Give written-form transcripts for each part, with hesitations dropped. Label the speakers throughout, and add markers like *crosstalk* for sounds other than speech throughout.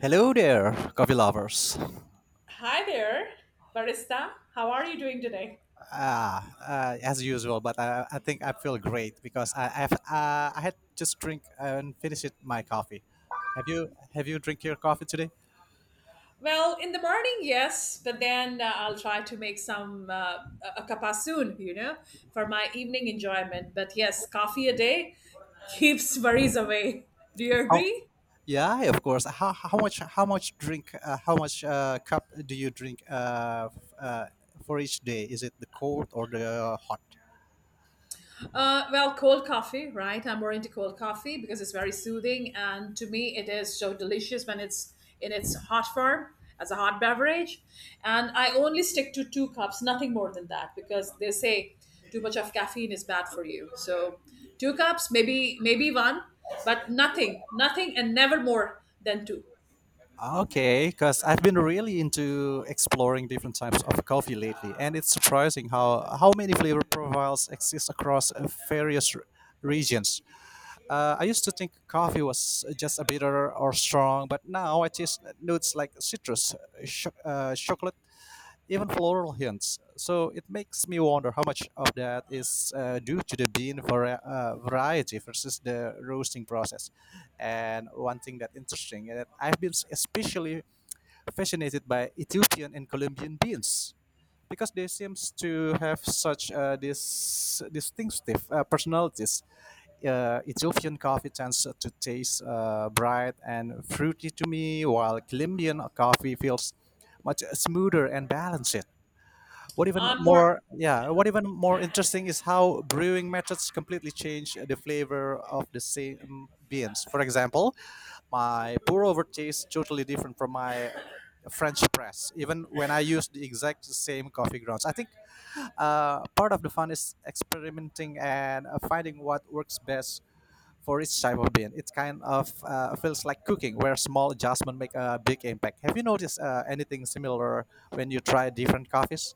Speaker 1: Hello there, coffee lovers.
Speaker 2: Hi there, barista. How are you doing today?
Speaker 1: Ah, as usual, but I think I feel great because I had just drink and finished my coffee. Have you drink your coffee today?
Speaker 2: Well, in the morning, yes, but then I'll try to make some a cuppa soon, you know, for my evening enjoyment. But yes, coffee a day *laughs* keeps worries away. Do you
Speaker 1: How?
Speaker 2: agree?
Speaker 1: Yeah, of course. How much drink how much cup do you drink for each day? Is it the cold or the hot?
Speaker 2: Well, cold coffee, right? I'm more into cold coffee because it's very soothing, and to me, it is so delicious when it's in its hot form as a hot beverage. And I only stick to two cups, nothing more than that, because they say too much of caffeine is bad for you. So, two cups, maybe one, but nothing, and never more than two.
Speaker 1: Okay, because I've been really into exploring different types of coffee lately, and it's surprising how many flavor profiles exist across various regions. I used to think coffee was just a bitter or strong, but now I taste notes like citrus, chocolate, even floral hints. So it makes me wonder how much of that is due to the bean variety versus the roasting process. And one thing that interesting that I've been especially fascinated by Ethiopian and Colombian beans because they seems to have such this distinctive personalities. Ethiopian coffee tends to taste bright and fruity to me, while Colombian coffee feels much smoother and balanced. What even
Speaker 2: I'm
Speaker 1: more,
Speaker 2: more.
Speaker 1: yeah, what even more interesting is how brewing methods completely change the flavor of the same beans. For example, my pour over tastes totally different from my French press, even when I use the exact same coffee grounds. I think part of the fun is experimenting and finding what works best for each type of bean. It kind of feels like cooking, where small adjustment make a big impact. Have you noticed anything similar when you try different coffees?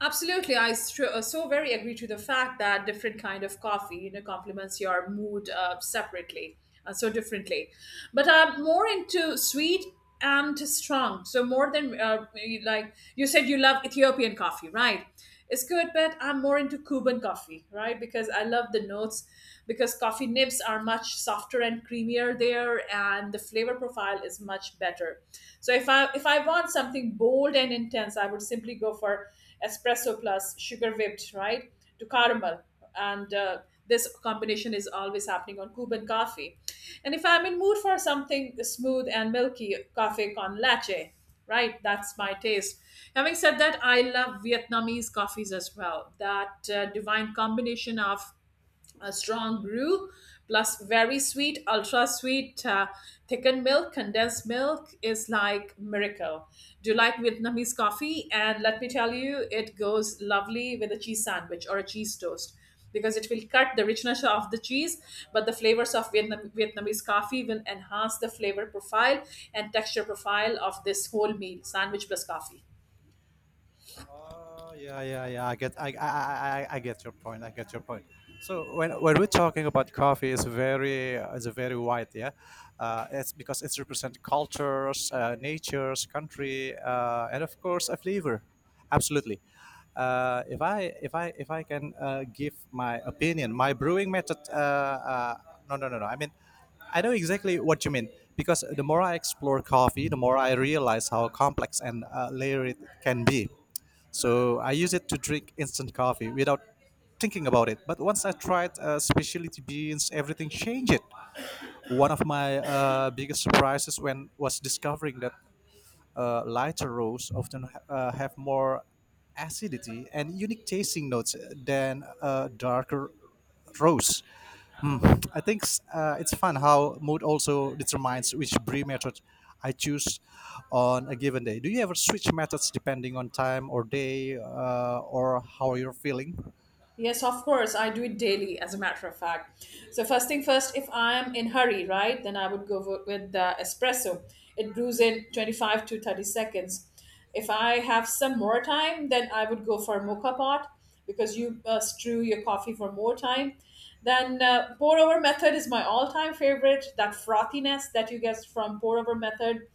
Speaker 2: Absolutely, so very agree to the fact that different kind of coffee, you know, complements your mood separately, so differently. But I'm more into sweet and strong. So more than like you said, you love Ethiopian coffee, right? It's good, but I'm more into Cuban coffee, right? Because I love the notes, because coffee nibs are much softer and creamier there, and the flavor profile is much better. So if I want something bold and intense, I would simply go for espresso plus sugar whipped, right, to caramel, and this combination is always happening on Cuban coffee. And if I'm in mood for something smooth and milky, coffee con leche, right? That's my taste. Having said that, I love Vietnamese coffees as well. That divine combination of a strong brew plus very sweet, ultra sweet, thickened milk, condensed milk, is like miracle. Do you like Vietnamese coffee? And let me tell you, it goes lovely with a cheese sandwich or a cheese toast, because it will cut the richness of the cheese, but the flavors of Vietnamese coffee will enhance the flavor profile and texture profile of this whole meal, sandwich plus coffee.
Speaker 1: Oh, yeah, yeah, yeah. I get your point. I get your point. So when we're talking about coffee, it's a very wide, yeah. It's because it represents cultures, natures, country, and of course a flavor. Absolutely. If I can give my opinion, my brewing method. No, no, no, no. I mean, I know exactly what you mean because the more I explore coffee, the more I realize how complex and layered it can be. So I use it to drink instant coffee without thinking about it. But once I tried specialty beans, everything changed. One of my biggest surprises when was discovering that lighter roasts often have more acidity and unique tasting notes than darker roasts. I think it's fun how mood also determines which brew method I choose on a given day. Do you ever switch methods depending on time or day or how you're feeling?
Speaker 2: Yes, of course. I do it daily, as a matter of fact. So first thing first, if I am in hurry, right, then I would go with the espresso. It brews in 25 to 30 seconds. If I have some more time, then I would go for mocha pot because you strew your coffee for more time. Then pour over method is my all-time favorite. That frothiness that you get from pour over method,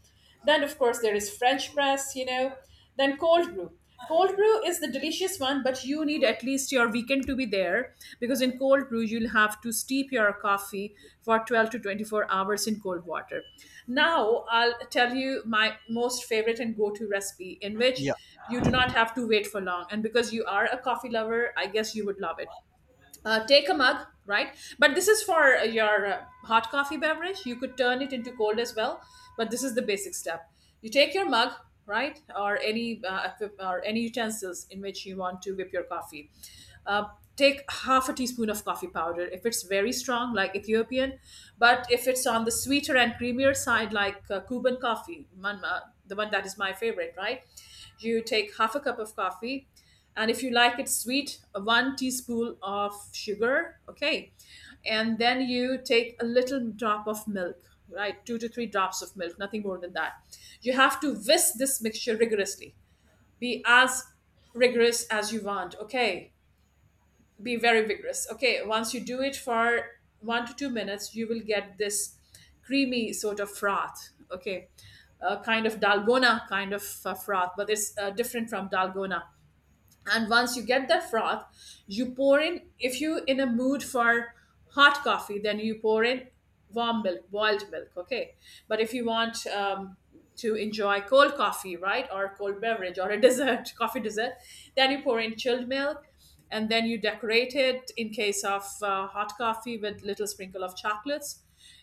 Speaker 2: then, of course, there is French press, you know. Then cold brew. Cold brew is the delicious one, but you need at least your weekend to be there because in cold brew, you'll have to steep your coffee for 12 to 24 hours in cold water. Now, I'll tell you my most favorite and go to recipe in which
Speaker 1: Yeah,
Speaker 2: you do not have to wait for long. And because you are a coffee lover, I guess you would love it. Take a mug, right? But this is for your hot coffee beverage. You could turn it into cold as well, but this is the basic step. You take your mug, right, or any or any utensils in which you want to whip your coffee. uh, Take half a teaspoon of coffee powder if it's very strong like Ethiopian, but if it's on the sweeter and creamier side like Cuban coffee man, the one that is my favorite, right, you take half a cup of coffee. And if you like it sweet, one teaspoon of sugar, okay. And then you take a little drop of milk, right, two to three drops of milk, nothing more than that. You have to whisk this mixture rigorously. Be as rigorous as you want, okay. Be very vigorous, okay. Once you do it for 1 to 2 minutes, you will get this creamy sort of froth, okay, a kind of dalgona kind of froth, but it's different from dalgona. And once you get that froth, you pour in, if you in a mood for hot coffee, then you pour in warm milk, boiled milk, okay. But if you want to enjoy cold coffee, right, or cold beverage or a dessert, *laughs* coffee dessert, then you pour in chilled milk. And then you decorate it, in case of hot coffee, with little sprinkle of chocolates,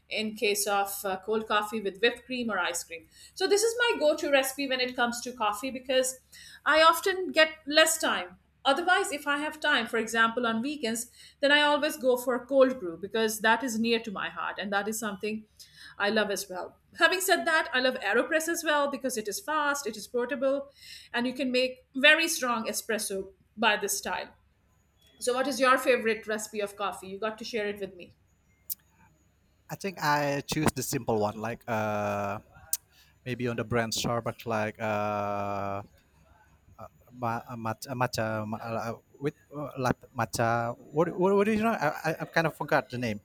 Speaker 2: in case of cold coffee, with whipped cream or ice cream. So, this is my go to recipe when it comes to coffee because I often get less time. Otherwise, if I have time, for example, on weekends, then I always go for a cold brew because that is near to my heart and that is something I love as well. Having said that, I love AeroPress as well because it is fast, it is portable, and you can make very strong espresso by this style. So, what is your favorite recipe of coffee? You got to share it with me.
Speaker 1: I think I choose the simple one, like maybe on the brand Starbucks, like matcha with matcha. What is it? I kind of forgot the name.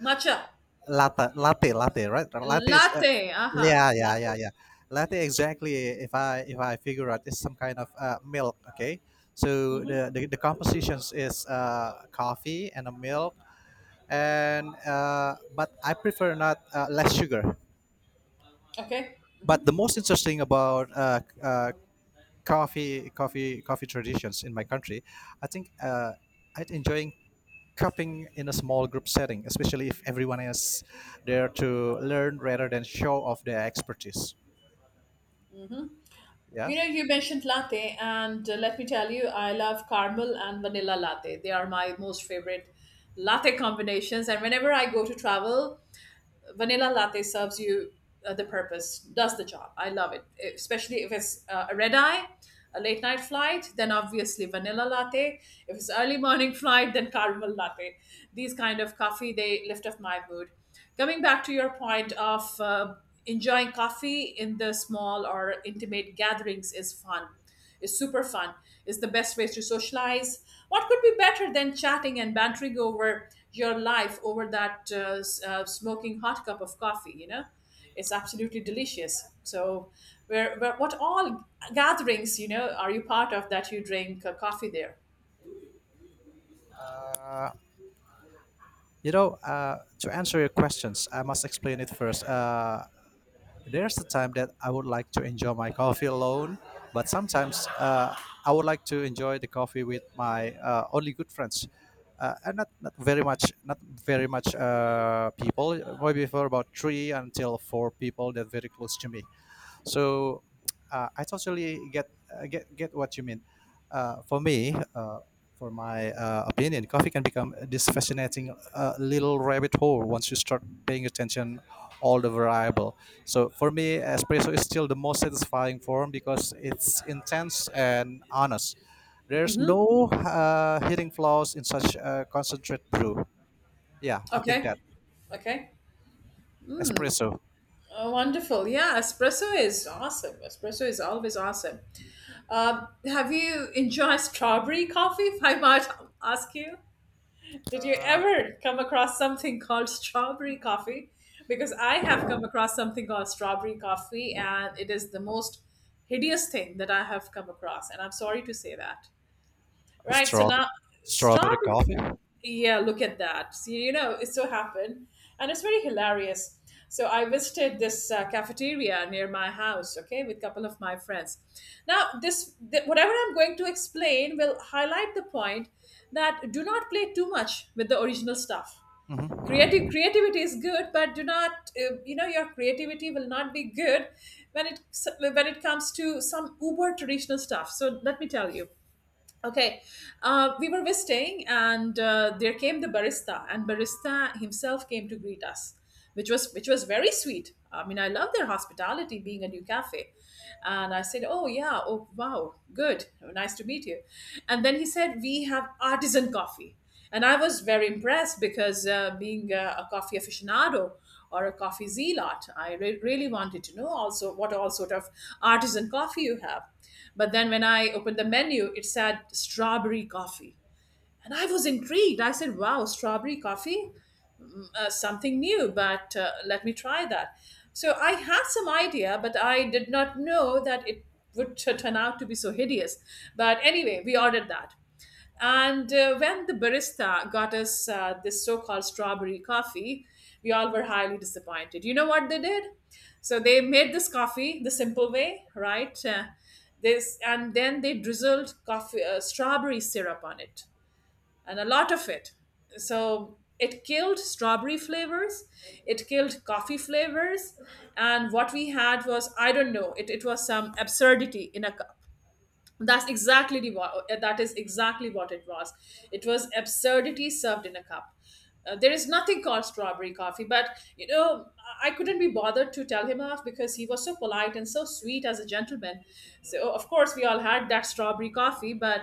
Speaker 2: Matcha.
Speaker 1: Latte, right? latte is
Speaker 2: Latte, aha,
Speaker 1: Yeah, yeah, yeah,
Speaker 2: latte.
Speaker 1: yeah, latte exactly. If I figure out it's some kind of milk. Okay. So
Speaker 2: Hmm.
Speaker 1: the compositions is coffee and a milk. And But I prefer not less sugar.
Speaker 2: Okay.
Speaker 1: But the most interesting about coffee traditions in my country, I think I'm enjoying coping in a small group setting, especially if everyone is there to learn rather than show off their expertise. Yeah.
Speaker 2: You know, you mentioned latte, and let me tell you, I love caramel and vanilla latte. They are my most favorite latte combinations. And whenever I go to travel, vanilla latte serves you the purpose, does the job. I love it, especially if it's a red eye, a late night flight, then obviously vanilla latte. If it's early morning flight, then caramel latte. These kind of coffee they lift up my mood. Coming back to your point of enjoying coffee in the small or intimate gatherings is fun. Is super fun. It's the best ways to socialize. What could be better than chatting and bantering over your life over that smoking hot cup of coffee? You know, it's absolutely delicious. So, where what all gatherings you know are you part of that you drink coffee there?
Speaker 1: Uh, to answer your questions, I must explain it first. There's a time that I would like to enjoy my coffee alone, but sometimes I would like to enjoy the coffee with my only good friends. And not very much people. Maybe for about three until four people that very close to me. So I totally get what you mean. Uh, for me, uh, for my opinion, coffee can become this fascinating little rabbit hole once you start paying attention all the variable. So for me, espresso is still the most satisfying form because it's intense and honest. There's no hidden flaws in such a concentrate brew. Yeah, I think
Speaker 2: Okay.
Speaker 1: that
Speaker 2: Okay.
Speaker 1: espresso.
Speaker 2: Oh, wonderful. Yeah, espresso is awesome. Espresso is always awesome. Have you enjoyed strawberry coffee, *laughs* if I might ask you? Did you
Speaker 1: Uh,
Speaker 2: ever come across something *laughs* called strawberry coffee? Because I have come across something called strawberry coffee, and it is the most hideous thing that I have come across. And I'm sorry to say that. Right. So
Speaker 1: Straw,
Speaker 2: now,
Speaker 1: Strawberry
Speaker 2: strawberry.
Speaker 1: coffee?
Speaker 2: Yeah, look at that. See, you know, it so happened. And it's very hilarious. So I visited this cafeteria near my house, okay, with a couple of my friends. Now, whatever I'm going to explain will highlight the point that do not play too much with the original stuff. Creative
Speaker 1: Hmm.
Speaker 2: Creativity is good, but do not, you know, your creativity will not be good when it when it comes to some uber traditional stuff. So let me tell you. Okay, we were visiting, and there came the barista, and barista himself came to greet us, which was very sweet. I mean, I love their hospitality, being a new cafe. And I said, "Oh yeah, oh wow, good, nice to meet you." And then he said, "We have artisan coffee." And I was very impressed because being a coffee aficionado or a coffee zealot, really wanted to know also what all sort of artisan coffee you have. But then when I opened the menu, it said strawberry coffee. And I was intrigued. I said, wow, strawberry coffee? Something new, but let me try that. So I had some idea, but I did not know that it would turn out to be so hideous. But anyway, we ordered that. And when the barista got us this so called strawberry coffee, we all were highly disappointed. You know what they did? So they made this coffee the simple way, right? This, and then they drizzled coffee strawberry syrup on it, and a lot of it. So it killed strawberry flavors, it killed coffee flavors, and what we had was, I don't know, it was some absurdity in a cup. That's exactly that is exactly what it was. It was absurdity served in a cup. There is nothing called strawberry coffee, but you know, I couldn't be bothered to tell him off because he was so polite and so sweet as a gentleman. So of course we all had that strawberry coffee, but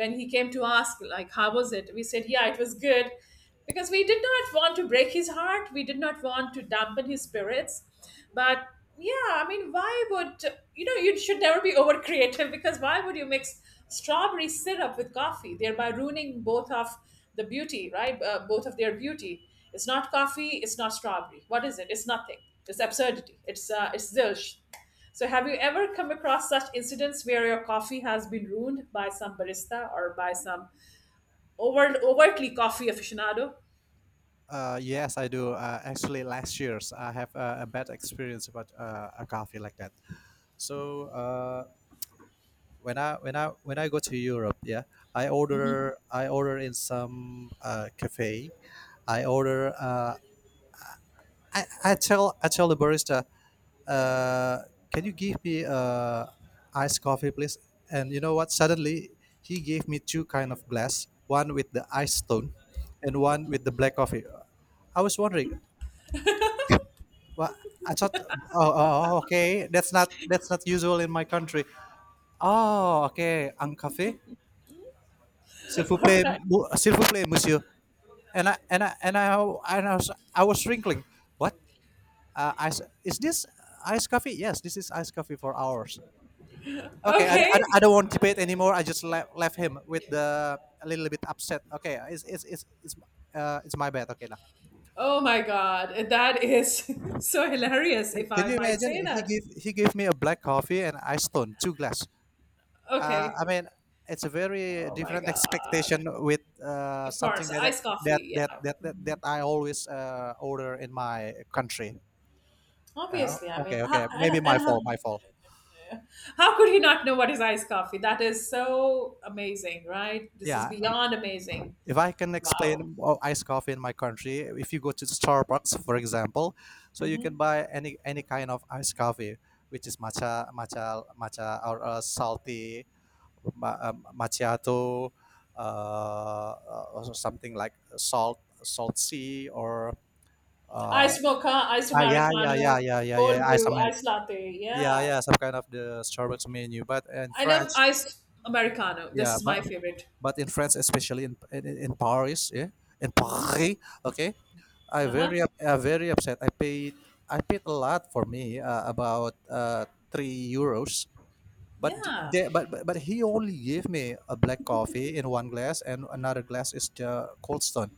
Speaker 2: when he came to ask like how was it, we said yeah, it was good, because we did not want to break his heart, we did not want to dampen his spirits. But yeah, I mean, why would, you know, you should never be *laughs* over creative, because why would you mix strawberry syrup with coffee, thereby ruining both of the beauty, right, both of their beauty? It's not coffee, it's not strawberry, what is it? It's nothing. It's absurdity. It's it's zilch. So have you ever come across such incidents where your coffee has been ruined by some barista or by some overtly coffee aficionado?
Speaker 1: Yes, I do. Actually, last year's I have a bad experience about a coffee like that. So. When I go to Europe, yeah, I order in some cafe. I order. I tell the barista, uh, can you give me iced coffee, please? And you know what? Suddenly, he gave me two kind of glass, one with the ice stone, and one with the black coffee. I was wondering, well, I thought, oh, okay, that's not usual in my country. Oh, okay, ang cafe. S'il vous
Speaker 2: All
Speaker 1: plaît,
Speaker 2: right.
Speaker 1: s'il vous plaît, monsieur. And I and I and I and I was wrinkling. What? Is this iced coffee? Yes, this is iced coffee for hours. Okay, I
Speaker 2: Okay.
Speaker 1: don't want to debate anymore. I just left him with the a little bit upset. Okay, it's my bad. Okay, lah.
Speaker 2: Oh my God. That is *laughs* so hilarious, if
Speaker 1: Can
Speaker 2: I
Speaker 1: you
Speaker 2: might
Speaker 1: imagine?
Speaker 2: say
Speaker 1: He
Speaker 2: that.
Speaker 1: gave he gave me a black coffee and ice stone, two glass.
Speaker 2: Okay.
Speaker 1: I mean, it's a very
Speaker 2: Oh my
Speaker 1: different *laughs*
Speaker 2: God.
Speaker 1: expectation with
Speaker 2: Of
Speaker 1: something
Speaker 2: course,
Speaker 1: that
Speaker 2: iced
Speaker 1: that
Speaker 2: coffee.
Speaker 1: that
Speaker 2: Yeah.
Speaker 1: that that, that I always order in my country. Uh,
Speaker 2: Obviously. I mean,
Speaker 1: okay,
Speaker 2: how,
Speaker 1: okay,
Speaker 2: and,
Speaker 1: maybe
Speaker 2: and
Speaker 1: my fault, my fault.
Speaker 2: how could he not know what is iced coffee? That is so amazing, right? This is
Speaker 1: Yeah,
Speaker 2: beyond amazing.
Speaker 1: if I can
Speaker 2: Wow.
Speaker 1: explain iced coffee in my country, if you go to Starbucks, for example, so you
Speaker 2: Mm-hmm.
Speaker 1: can buy any kind of iced coffee, which is matcha, or salty macchiato, uh, uh, something like salt sea or uh,
Speaker 2: Iced mocha, iced
Speaker 1: yeah, yeah,
Speaker 2: Americano,
Speaker 1: yeah, yeah, yeah,
Speaker 2: cold
Speaker 1: yeah,
Speaker 2: brew, iced latte.
Speaker 1: Yeah,
Speaker 2: Yeah.
Speaker 1: yeah, some kind of the Starbucks menu. But in
Speaker 2: I love
Speaker 1: France,
Speaker 2: iced Americano. This
Speaker 1: yeah,
Speaker 2: is my
Speaker 1: but
Speaker 2: favorite.
Speaker 1: but in France, especially in Paris, yeah, in Paris, okay, I
Speaker 2: Uh huh.
Speaker 1: very upset. I paid a lot for me about €3. But d-
Speaker 2: Yeah.
Speaker 1: they, but he only gave me a black coffee in one glass, and another glass is the Cold Stone.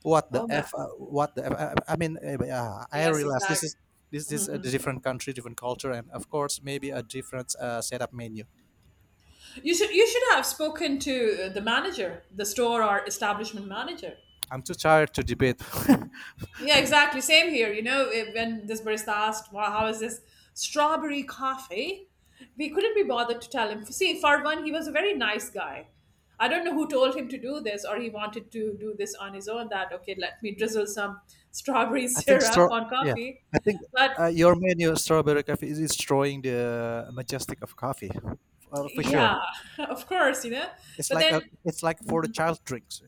Speaker 1: What
Speaker 2: Oh
Speaker 1: the
Speaker 2: my.
Speaker 1: f? What the f? I mean, eh, I
Speaker 2: Yes,
Speaker 1: realize this
Speaker 2: exactly.
Speaker 1: is this is a different country, different culture, and of course maybe a different setup menu.
Speaker 2: You should have spoken to the manager, the store or establishment manager.
Speaker 1: I'm too tired to debate. *laughs*
Speaker 2: Yeah, exactly. Same here. You know, eh, when this barista asked, "Wow, how is this strawberry coffee?" We couldn't be bothered to tell him. See, for one, he was a very nice guy. I don't know who told him to do this, or he wanted to do this on his own. That okay, let me drizzle some strawberry *laughs*
Speaker 1: I think straw.
Speaker 2: syrup on
Speaker 1: Yeah,
Speaker 2: coffee.
Speaker 1: I think
Speaker 2: But
Speaker 1: your menu strawberry coffee is destroying the majestic of coffee, for sure.
Speaker 2: yeah, *laughs* of course, you know. But then
Speaker 1: It's like for the child drinks.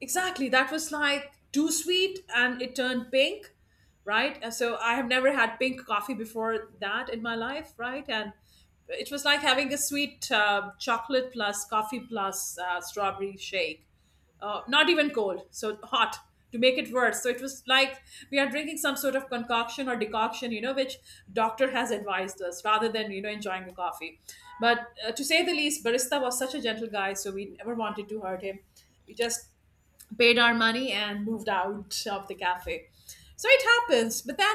Speaker 2: exactly. That was like too sweet and it turned pink, right? And so I have never had pink coffee before that in my life, right? And it was like having a sweet chocolate plus coffee plus strawberry shake. Not even cold, so hot to make it worse. So it was like we are drinking some sort of concoction or decoction, you know, which doctor has advised us rather than, you know, enjoying the coffee. But to say the least, barista was such a gentle guy, so we never wanted to hurt him. We just paid our money and moved out of the cafe. So it happens. But then,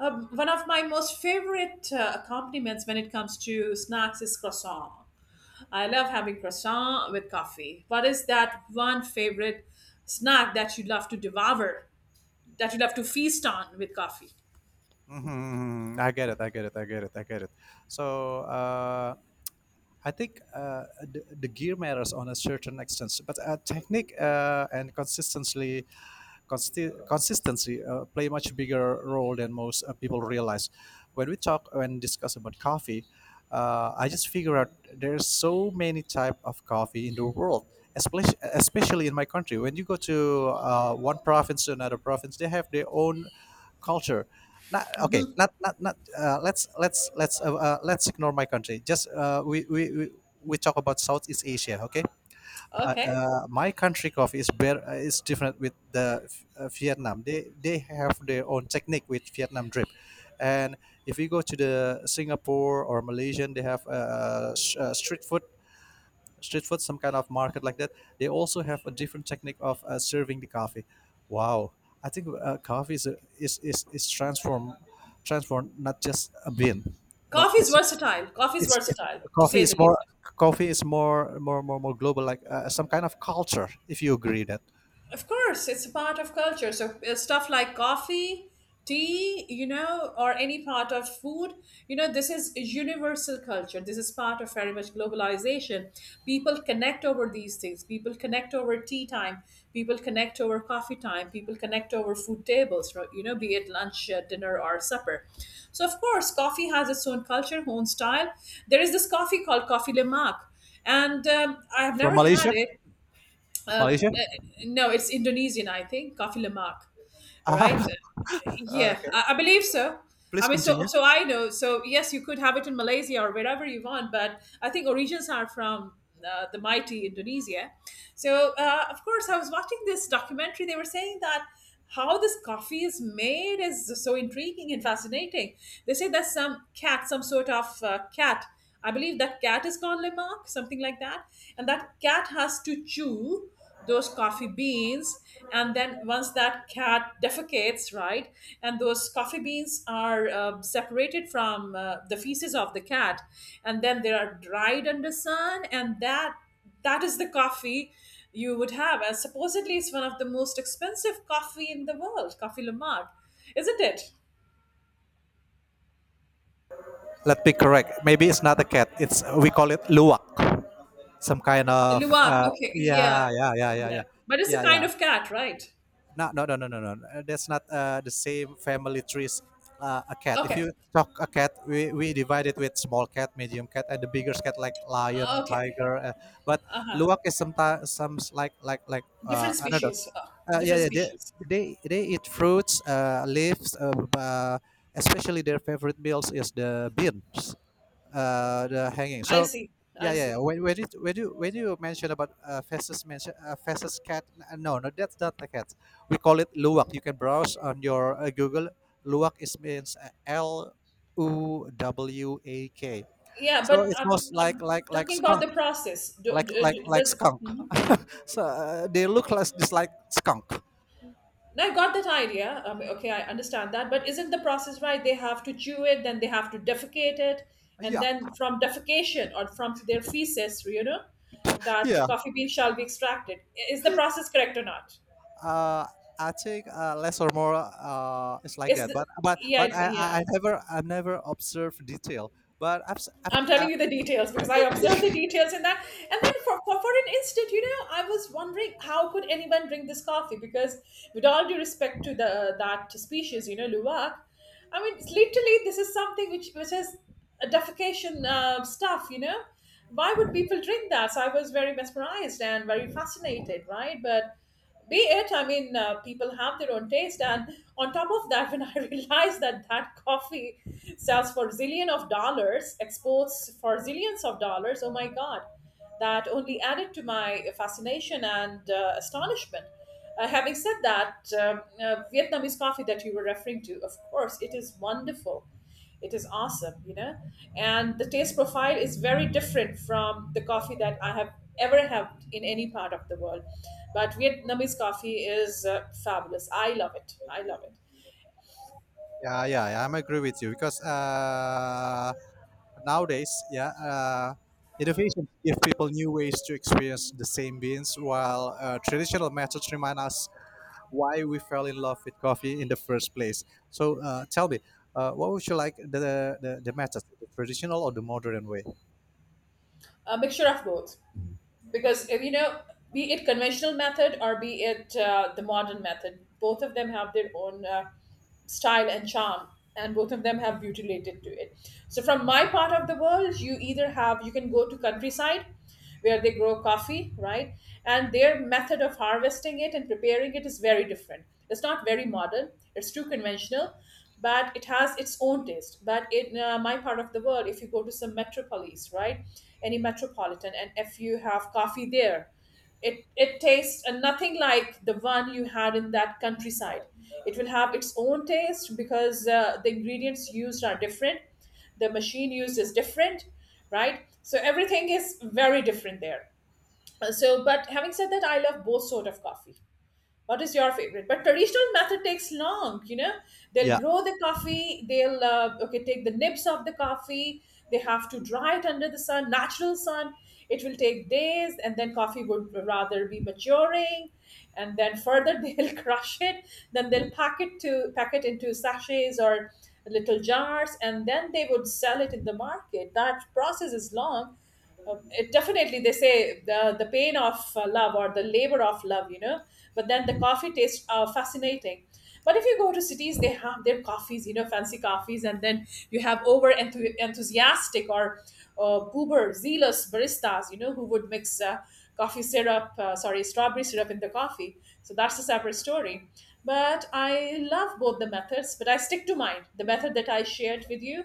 Speaker 2: one of my most favorite accompaniments when it comes to snacks is croissant. I love having croissant with coffee. What is that one favorite snack that you love to devour, that you love to feast on with coffee?
Speaker 1: Hmm. I get it. I get it. I get it. I get it. So I think the gear matters on a certain extent, but technique and consistency play a much bigger role than most people realize. When we talk When discuss about coffee, I just figure out there's so many type of coffee in the world, especially in my country. When you go to one province to another province, they have their own culture. Not, okay, not not not. Let's ignore my country. Just We talk about Southeast Asia. Okay,
Speaker 2: Okay.
Speaker 1: my country coffee is better is different with the Vietnam. They have their own technique with Vietnam drip, and if you go to the Singapore or Malaysian, they have street food some kind of market like that. They also have a different technique of serving the coffee. Wow, I think coffee is transform not just a bean, but
Speaker 2: Coffee is versatile. Coffee is
Speaker 1: it's it,
Speaker 2: versatile, to
Speaker 1: coffee
Speaker 2: say the
Speaker 1: is more
Speaker 2: least.
Speaker 1: coffee is more global like some kind of culture, if you agree that.
Speaker 2: Of course, it's a part of culture. So stuff like coffee, tea, you know, or any part of food, you know, this is universal culture. This is part of very much globalization. People connect over these things. People connect over tea time. People connect over coffee time. People connect over food tables, right? You know, be it lunch, dinner, or supper. So of course, coffee has its own culture, own style. There is this coffee called Coffee Le Mac, and I have
Speaker 1: From
Speaker 2: never had
Speaker 1: malaysia
Speaker 2: it uh, uh,
Speaker 1: malaysia
Speaker 2: no, it's Indonesian, I think. Kafi lemak, right?
Speaker 1: ah *laughs*
Speaker 2: Yeah,
Speaker 1: okay,
Speaker 2: I believe so. I
Speaker 1: please
Speaker 2: mean, so
Speaker 1: continue.
Speaker 2: so I know. So yes, you could have it in Malaysia or wherever you want, but I think origins are from the mighty Indonesia. So of course, I was watching this documentary. They were saying that how this coffee is made is so intriguing and fascinating. They say there's some cat, some sort of cat. I believe that cat is called lemak, something like that, and that cat has to chew those coffee beans, and then once that cat defecates, right, and those coffee beans are separated from the feces of the cat, and then they are dried under sun, and that, that is the coffee you would have, and supposedly it's one of the most expensive coffee in the world. Coffee luwak, isn't it?
Speaker 1: Let me correct, maybe it's not a cat, it's we call it luwak, some kind of
Speaker 2: Luwak, okay, yeah,
Speaker 1: yeah, yeah, yeah, yeah,
Speaker 2: yeah.
Speaker 1: yeah,
Speaker 2: But it's a
Speaker 1: yeah,
Speaker 2: kind
Speaker 1: yeah.
Speaker 2: of cat, right?
Speaker 1: No, no, no, no, no, no. That's not the same family trees. A cat. If
Speaker 2: Okay.
Speaker 1: you stock a cat, we divide it with small cat, medium cat, and the bigger cat like lion,
Speaker 2: Okay.
Speaker 1: tiger. But
Speaker 2: Uh-huh.
Speaker 1: luwak is sometimes some like like like
Speaker 2: Different
Speaker 1: uh, I don't know.
Speaker 2: species.
Speaker 1: Yeah,
Speaker 2: Different
Speaker 1: yeah. They,
Speaker 2: species.
Speaker 1: they they eat fruits, leaves. Uh, Especially their favorite meals is the beans, the hanging.
Speaker 2: I
Speaker 1: So,
Speaker 2: see. I
Speaker 1: yeah, yeah. Yeah.
Speaker 2: see.
Speaker 1: When you mention about Festus cat, no, no, that's not the cat. We call it luwak. You can browse on your Google. Luwak is means Luwak.
Speaker 2: Yeah, but
Speaker 1: So it's
Speaker 2: I'm,
Speaker 1: most like
Speaker 2: I'm
Speaker 1: like like
Speaker 2: talking about
Speaker 1: skunk,
Speaker 2: the process. Do,
Speaker 1: like
Speaker 2: do,
Speaker 1: like
Speaker 2: do-
Speaker 1: like
Speaker 2: does
Speaker 1: skunk.
Speaker 2: mhm.
Speaker 1: *laughs* So they look like just like skunk.
Speaker 2: I got that idea? Okay, I understand that. But isn't the process right? They have to chew it, then they have to defecate it, and
Speaker 1: Yeah,
Speaker 2: then from defecation or from their feces, you know, that
Speaker 1: yeah.
Speaker 2: coffee bean shall be extracted. Is the process correct or not?
Speaker 1: uh, I think less or more it's like
Speaker 2: Is
Speaker 1: that.
Speaker 2: the
Speaker 1: But but
Speaker 2: Yeah
Speaker 1: but I,
Speaker 2: yeah,
Speaker 1: I I never I never observe detail. But I've,
Speaker 2: I'm telling
Speaker 1: I,
Speaker 2: you the details because I observed the details in that. And then for an instant, you know, I was wondering how could anyone drink this coffee? Because with all due respect to the that species, you know, luwak, I mean, it's literally, this is something which has a defecation stuff, you know. Why would people drink that? So I was very mesmerized and very fascinated, right? But be it, I mean people have their own taste. And on top of that, *laughs* when I realized that that coffee sells for zillion of dollars, exports for zillions of dollars, oh my God, that only added to my fascination and astonishment. Having said that, Vietnamese coffee that you were referring to, of course it is wonderful, it is awesome, you know. And the taste profile is very different from the coffee that I have ever had in any part of the world. But Vietnamese coffee is fabulous. I love it. I love it.
Speaker 1: yeah, yeah, yeah, I'm agree with you because nowadays, yeah, innovation give people new ways to experience the same beans, while traditional methods remind us why we fell in love with coffee in the first place. So tell me. What would you like, the method, the traditional or the modern way?
Speaker 2: A mixture of both, because you know, be it conventional method or be it the modern method, both of them have their own style and charm, and both of them have beauty related to it. So from my part of the world, you either have, you can go to countryside where they grow coffee, right? And their method of harvesting it and preparing it is very different. It's not very modern, it's too conventional, but it has its own taste. But in my part of the world, if you go to some metropolis, right, any metropolitan, and if you have coffee there, it tastes nothing like the one you had in that countryside. It will have its own taste because the ingredients used are different, the machine used is different, right? So everything is very different there. So, but having said that, I love both sort of coffee. What is your favorite? But traditional method takes long. You know, they'll
Speaker 1: Yeah.
Speaker 2: grow the coffee. They'll okay, take the nibs of the coffee. They have to dry it under the sun, natural sun. It will take days, and then coffee would rather be maturing, and then further *laughs* they'll crush it. Then they'll pack it into sachets or little jars, and then they would sell it in the market. That process is long, it definitely, they say the pain of love, or the labor of love, you know. But then the coffee tastes fascinating. But if you go to cities, they have their coffees, you know, fancy coffees. And then you have over enthusiastic or uber zealous baristas, you know, who would mix coffee syrup sorry, strawberry syrup in the coffee. So that's a separate story. But I love both the methods, but I stick to mine, the method that I shared with you.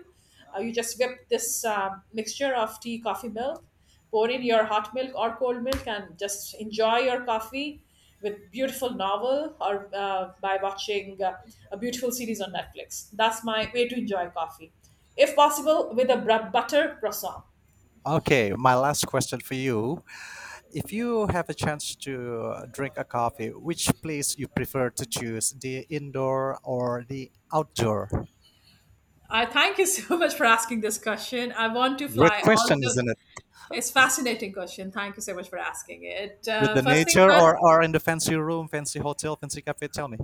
Speaker 2: You just whip this mixture of tea, coffee, milk, pour in your hot milk or cold milk, and just enjoy your coffee with beautiful novel or by watching a beautiful series on Netflix. That's my way to enjoy coffee, if possible, with a butter croissant.
Speaker 1: Okay, my last question for you. If you have a chance to drink a coffee, which place you prefer to choose, the indoor or the outdoor?
Speaker 2: I thank you so *laughs* much for asking this question. I want to
Speaker 1: Great
Speaker 2: fly all
Speaker 1: question,
Speaker 2: the.
Speaker 1: isn't it?
Speaker 2: It's fascinating question. Thank you so much for asking it.
Speaker 1: With the
Speaker 2: First thing
Speaker 1: nature,
Speaker 2: first,
Speaker 1: or in the fancy room, fancy hotel, fancy cafe, tell me.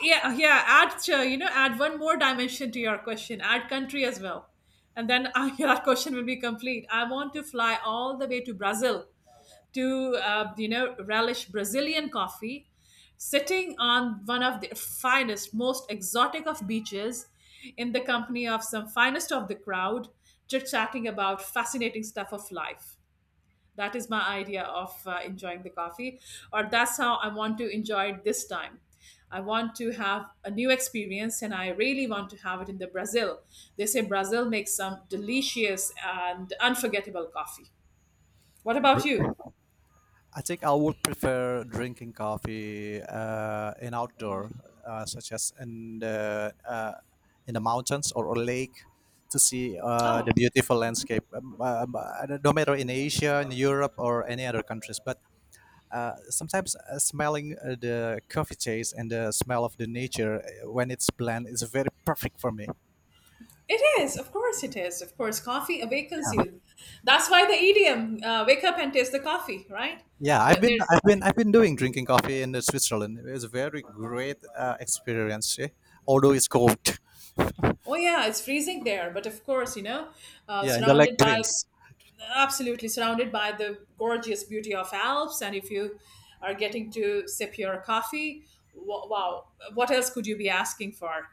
Speaker 2: yeah, add you know, add one more dimension to your question, add country as well, and then *laughs* your question will be complete. I want to fly all the way to Brazil to you know, relish Brazilian coffee, sitting on one of the finest, most exotic of beaches, in the company of some finest of the crowd, chit chatting about fascinating stuff of life. That is my idea of enjoying the coffee, or that's how I want to enjoy it this time. I want to have a new experience, and I really want to have it in the Brazil. They say Brazil makes some delicious and unforgettable coffee. What about you?
Speaker 1: I think I would prefer drinking coffee in outdoor, such as in the mountains, or lake, to see
Speaker 2: Oh,
Speaker 1: the beautiful landscape. No matter in Asia, in Europe, or any other countries, but sometimes smelling the coffee taste and the smell of the nature when it's blend is very perfect for me.
Speaker 2: it is. Of course, it is. Of course, coffee awakens you. That's why the idiom, "wake up and taste the coffee," right?
Speaker 1: Yeah, I've been
Speaker 2: They're,
Speaker 1: I've been I've been doing drinking coffee in Switzerland. It's a very great experience, eh? Although it's cold. *laughs*
Speaker 2: oh yeah, it's freezing there, but of course, you know,
Speaker 1: Yeah, in the leg
Speaker 2: surrounded by,
Speaker 1: prints.
Speaker 2: absolutely surrounded by the gorgeous beauty of Alps. And if you are getting to sip your coffee, wow, what else could you be asking for?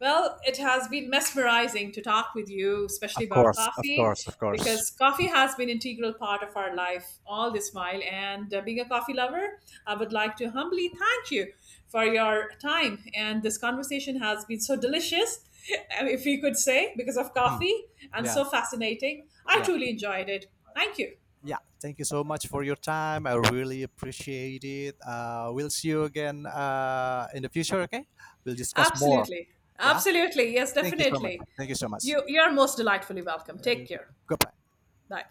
Speaker 2: Well, it has been mesmerizing to talk with you, especially
Speaker 1: Of
Speaker 2: about
Speaker 1: course, of
Speaker 2: coffee,
Speaker 1: course, of course.
Speaker 2: because coffee has been integral part of our life all this while. And being a coffee lover, I would like to humbly thank you for your time. And this conversation has been so delicious, *laughs* if we could say, because of
Speaker 1: Mhm.
Speaker 2: coffee and
Speaker 1: Yeah,
Speaker 2: so fascinating. I
Speaker 1: yeah,
Speaker 2: truly enjoyed it. Thank you.
Speaker 1: yeah. Thank you so much for your time. I really appreciate it. We'll see you again in the future, okay? We'll discuss more.
Speaker 2: Absolutely.
Speaker 1: Yeah,
Speaker 2: Absolutely. Yes,
Speaker 1: thank you so much.
Speaker 2: definitely.
Speaker 1: Thank you so much.
Speaker 2: You're most delightfully welcome.
Speaker 1: Uh,
Speaker 2: Take care.
Speaker 1: Goodbye.
Speaker 2: Bye.